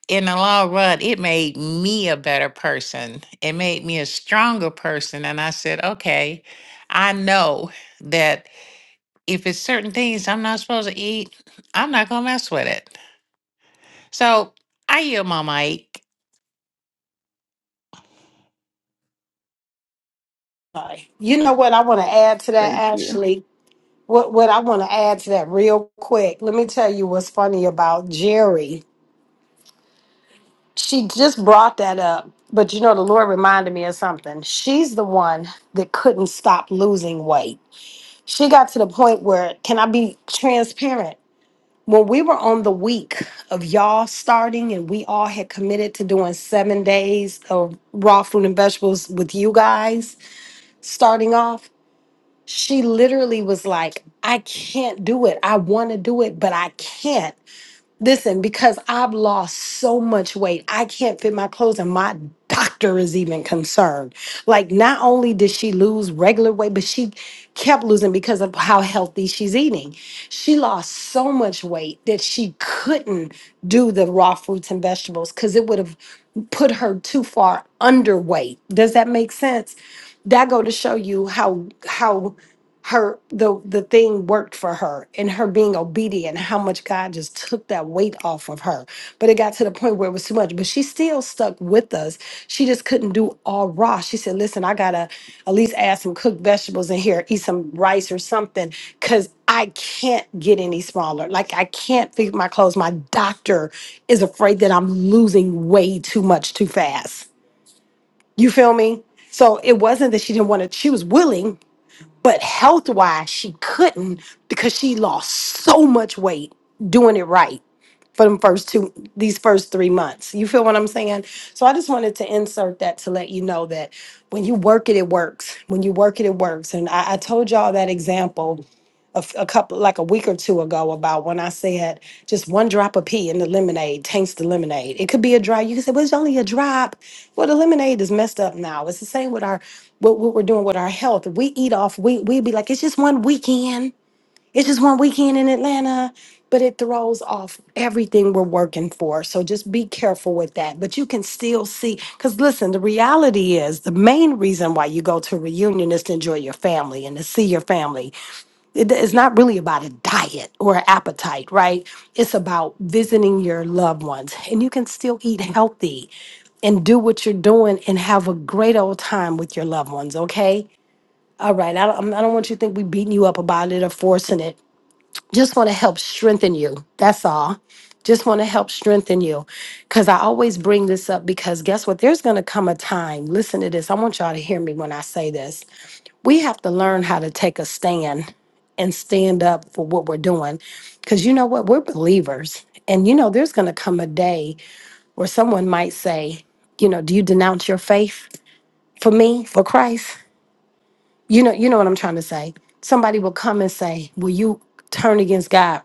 Speaker 3: in the long run it made me a better person. It made me a stronger person and I said, okay, I know that if it's certain things I'm not supposed to eat, I'm not gonna mess with it. So I yield my mic.
Speaker 1: Sorry. You know what I want to add to that,
Speaker 4: Thank you.
Speaker 1: Ashley. What what I want to add to that real quick. Let me tell you what's funny about Jerry. She just brought that up, but you know the Lord reminded me of something. She's the one that couldn't stop losing weight. She got to the point where, can I be transparent? when we were on the week of y'all starting and we all had committed to doing seven days of raw fruit and vegetables with you guys starting off, she literally was like, I can't do it. I want to do it, but I can't. Listen, because I've lost so much weight, I can't fit my clothes, and my doctor is even concerned. Like, not only did she lose regular weight, but she kept losing because of how healthy she's eating. She lost so much weight that she couldn't do the raw fruits and vegetables because it would have put her too far underweight. Does that make sense? That go to show you how how her the the thing worked for her and her being obedient how much god just took that weight off of her but it got to the point where it was too much but she still stuck with us she just couldn't do all raw she said listen i gotta at least add some cooked vegetables in here eat some rice or something because i can't get any smaller like i can't fit my clothes my doctor is afraid that i'm losing way too much too fast you feel me so it wasn't that she didn't want to she was willing but health wise, she couldn't because she lost so much weight doing it right for them first two, these first three months. You feel what I'm saying? So I just wanted to insert that to let you know that when you work it, it works. When you work it, it works. And I, I told y'all that example a, f- a couple like a week or two ago about when I said just one drop of pee in the lemonade taints the lemonade. It could be a drop. You can say, well, it's only a drop. Well, the lemonade is messed up now. It's the same with our what, what we're doing with our health. We eat off. We we be like, it's just one weekend. It's just one weekend in Atlanta, but it throws off everything we're working for. So just be careful with that. But you can still see, because listen, the reality is the main reason why you go to a reunion is to enjoy your family and to see your family it- it's not really about a diet or an appetite, right? It's about visiting your loved ones, and you can still eat healthy and do what you're doing and have a great old time with your loved ones, okay? All right, I don't, I don't want you to think we beating you up about it or forcing it. Just want to help strengthen you. That's all. Just want to help strengthen you. Because I always bring this up because guess what? There's going to come a time, listen to this. I want y'all to hear me when I say this we have to learn how to take a stand and stand up for what we're doing. Because you know what? We're believers. And you know, there's going to come a day where someone might say, you know, do you denounce your faith for me, for Christ? You know, you know what I'm trying to say. Somebody will come and say, will you turn against God?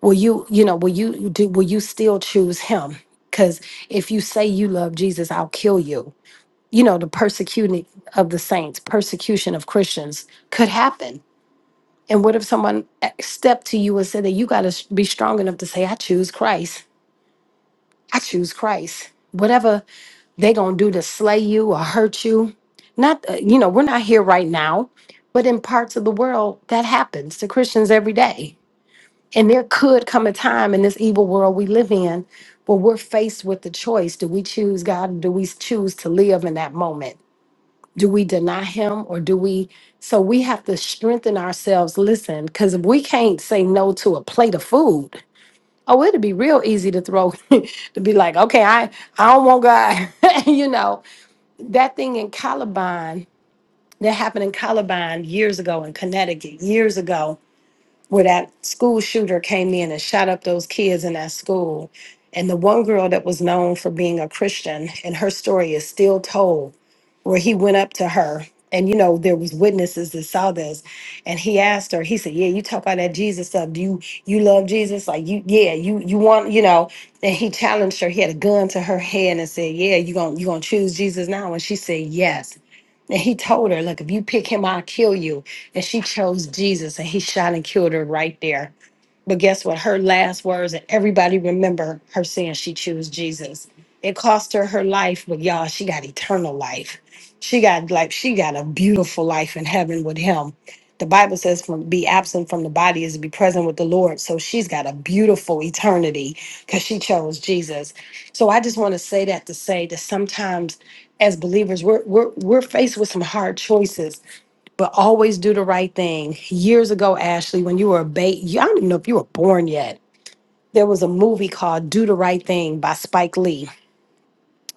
Speaker 1: Will you, you know, will you do, will you still choose him? Because if you say you love Jesus, I'll kill you. You know, the persecuting of the saints, persecution of Christians could happen And what if someone eh, stepped to you and said that you got to be strong enough to say, I choose Christ. I choose Christ. Whatever they going to do to slay you or hurt you. Not, uh, you know, we're not here right now, but in parts of the world, that happens to Christians every day. And there could come a time in this evil world we live in where we're faced with the choice do we choose God or do we choose to live in that moment? do we deny him or do we so we have to strengthen ourselves listen because if we can't say no to a plate of food oh it'd be real easy to throw (laughs) to be like okay i i don't want god (laughs) you know that thing in columbine that happened in columbine years ago in connecticut years ago where that school shooter came in and shot up those kids in that school and the one girl that was known for being a christian and her story is still told where he went up to her and you know there was witnesses that saw this and he asked her he said yeah you talk about that jesus stuff do you you love jesus like you yeah you you want you know and he challenged her he had a gun to her head and said yeah you gonna you gonna choose jesus now and she said yes and he told her, Look, if you pick him, I'll kill you. And she chose Jesus and he shot and killed her right there. But guess what? Her last words, and everybody remember her saying she chose Jesus. It cost her her life, but y'all, she got eternal life. She got like she got a beautiful life in heaven with him the Bible says from be absent from the body is to be present with the Lord. So she's got a beautiful eternity because she chose Jesus. So I just want to say that to say that sometimes as believers we're we're we're faced with some hard choices, but always do the right thing. Years ago, Ashley, when you were a baby, I don't even know if you were born yet. There was a movie called Do the Right Thing by Spike Lee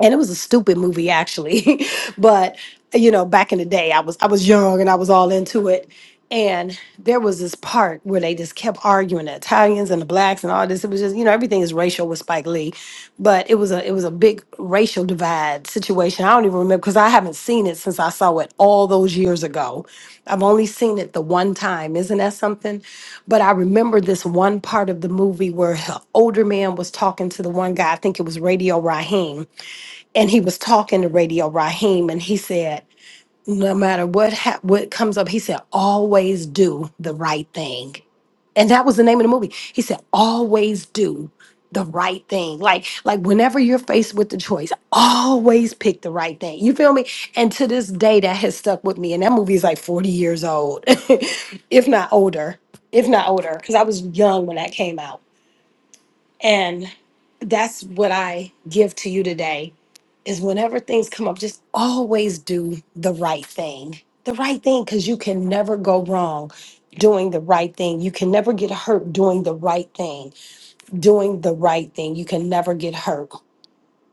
Speaker 1: and it was a stupid movie actually (laughs) but you know back in the day i was i was young and i was all into it and there was this part where they just kept arguing the italians and the blacks and all this it was just you know everything is racial with spike lee but it was a it was a big racial divide situation i don't even remember because i haven't seen it since i saw it all those years ago i've only seen it the one time isn't that something but i remember this one part of the movie where an older man was talking to the one guy i think it was radio raheem and he was talking to Radio Raheem, and he said, "No matter what ha- what comes up, he said, always do the right thing." And that was the name of the movie. He said, "Always do the right thing." Like like whenever you're faced with the choice, always pick the right thing. You feel me? And to this day, that has stuck with me. And that movie is like 40 years old, (laughs) if not older, if not older, because I was young when that came out. And that's what I give to you today is whenever things come up, just always do the right thing. The right thing, because you can never go wrong doing the right thing. You can never get hurt doing the right thing. Doing the right thing. You can never get hurt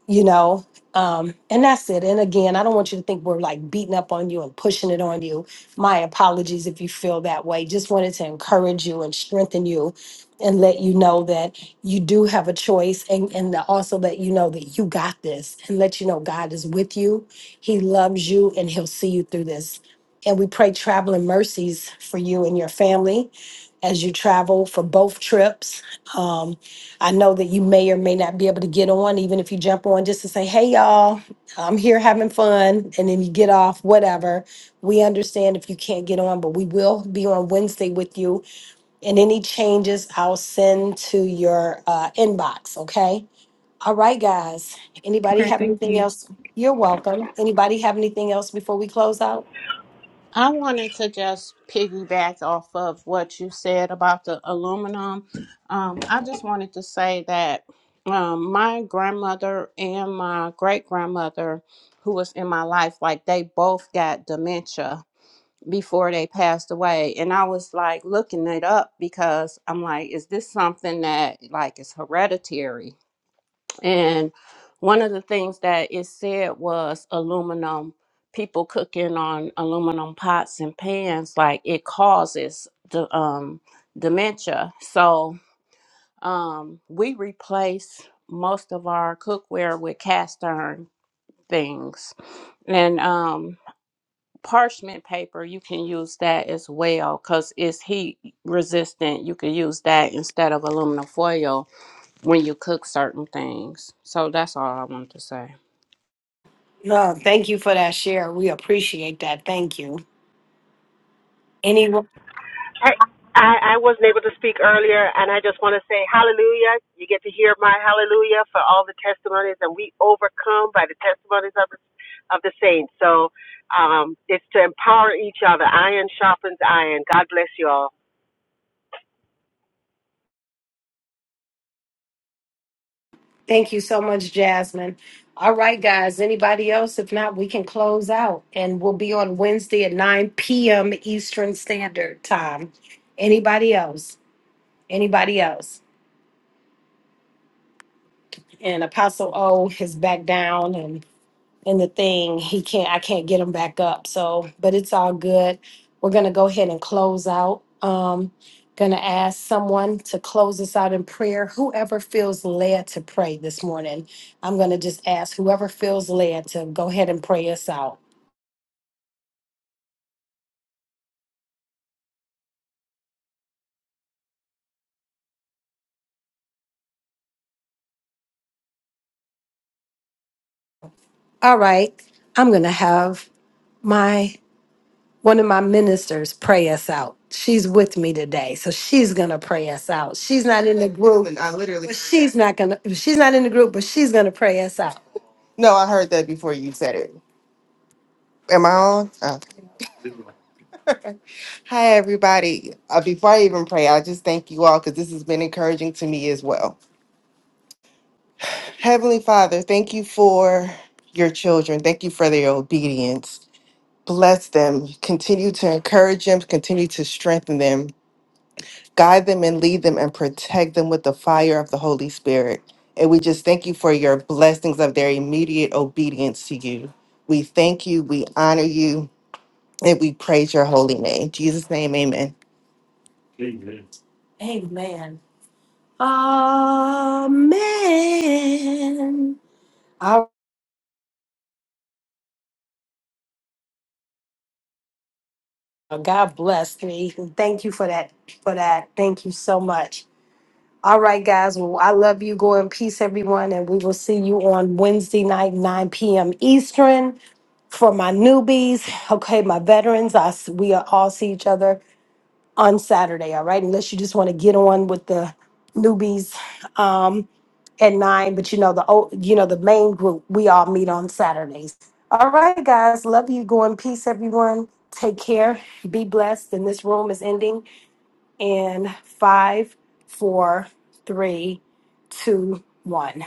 Speaker 1: you know um and that's it and again i don't want you to think we're like beating up on you and pushing it on you my apologies if you feel that way just wanted to encourage you and strengthen you and let you know that you do have a choice and and to also let you know that you got this and let you know god is with you he loves you and he'll see you through this and we pray traveling mercies for you and your family as you travel for both trips Um, I know that you may or may not be able to get on, even if you jump on just to say, hey, y'all, I'm here having fun. And then you get off, whatever. We understand if you can't get on, but we will be on Wednesday with you. And any changes I'll send to your uh, inbox, okay? All right, guys. Anybody
Speaker 4: Okay.
Speaker 1: have
Speaker 4: Thank
Speaker 1: anything
Speaker 4: you.
Speaker 1: else? You're welcome. Anybody have anything else before we close out?
Speaker 5: I wanted to just piggyback off of what you said about the aluminum. Um, I just wanted to say that um, my grandmother and my great grandmother, who was in my life, like they both got dementia before they passed away. And I was like looking it up because I'm like, is this something that like is hereditary? And one of the things that it said was aluminum, people cooking on aluminum pots and pans, like it causes the um, dementia. So um, we replace most of our cookware with cast iron things. And um, parchment paper, you can use that as well because it's heat resistant. You can use that instead of aluminum foil when you cook certain things. So that's all I wanted to say.
Speaker 1: No, thank you for that share. We appreciate that. Thank you. Anyone?
Speaker 9: I, I I wasn't able to speak earlier, and I just want to say hallelujah. You get to hear my hallelujah for all the testimonies, and we overcome by the testimonies of the, of the saints. So um, it's to empower each other. Iron sharpens iron. God bless you all.
Speaker 1: Thank you so much, Jasmine. All right, guys. Anybody else? If not, we can close out and we'll be on Wednesday at 9 p.m. Eastern Standard Time. Anybody else? Anybody else? And Apostle O is back down and. And the thing. He can't, I can't get him back up. So, but it's all good. We're going to go ahead and close out. Um, going to ask someone to close us out in prayer. Whoever feels led to pray this morning, I'm going to just ask whoever feels led to go ahead and pray us out. All right. I'm going to have my one of my ministers pray us out. She's with me today, so she's gonna pray us out. She's not in the group. I literally. but She's not gonna. She's not in the group, but she's gonna pray us out. No, I heard that before you said it. Am I on? Oh. Hi, everybody. Uh, before I even pray, I just thank you all because this has been encouraging to me as well. Heavenly Father, thank you for your children. Thank you for their obedience. Bless them. Continue to encourage them, continue to strengthen them, guide them and lead them, and protect them with the fire of the Holy Spirit. And we just thank you for your blessings of their immediate obedience to you. We thank you. We honor you. And we praise your holy name. In Jesus' name, amen. Amen. Amen. All right, God bless me. Thank you for that. For that. Thank you so much. All right, guys. Well, I love you. Go in peace, everyone. And we will see you on Wednesday night, 9 p.m. Eastern. For my newbies, okay, my veterans, I, s- we all see each other on Saturday, all right? Unless you just want to get on with the newbies um, at nine, but you know the old, you know the main group we all meet on Saturdays. All right, guys, love you. Go in peace, everyone. Take care. Be blessed. And this room is ending in five, four, three, two, one.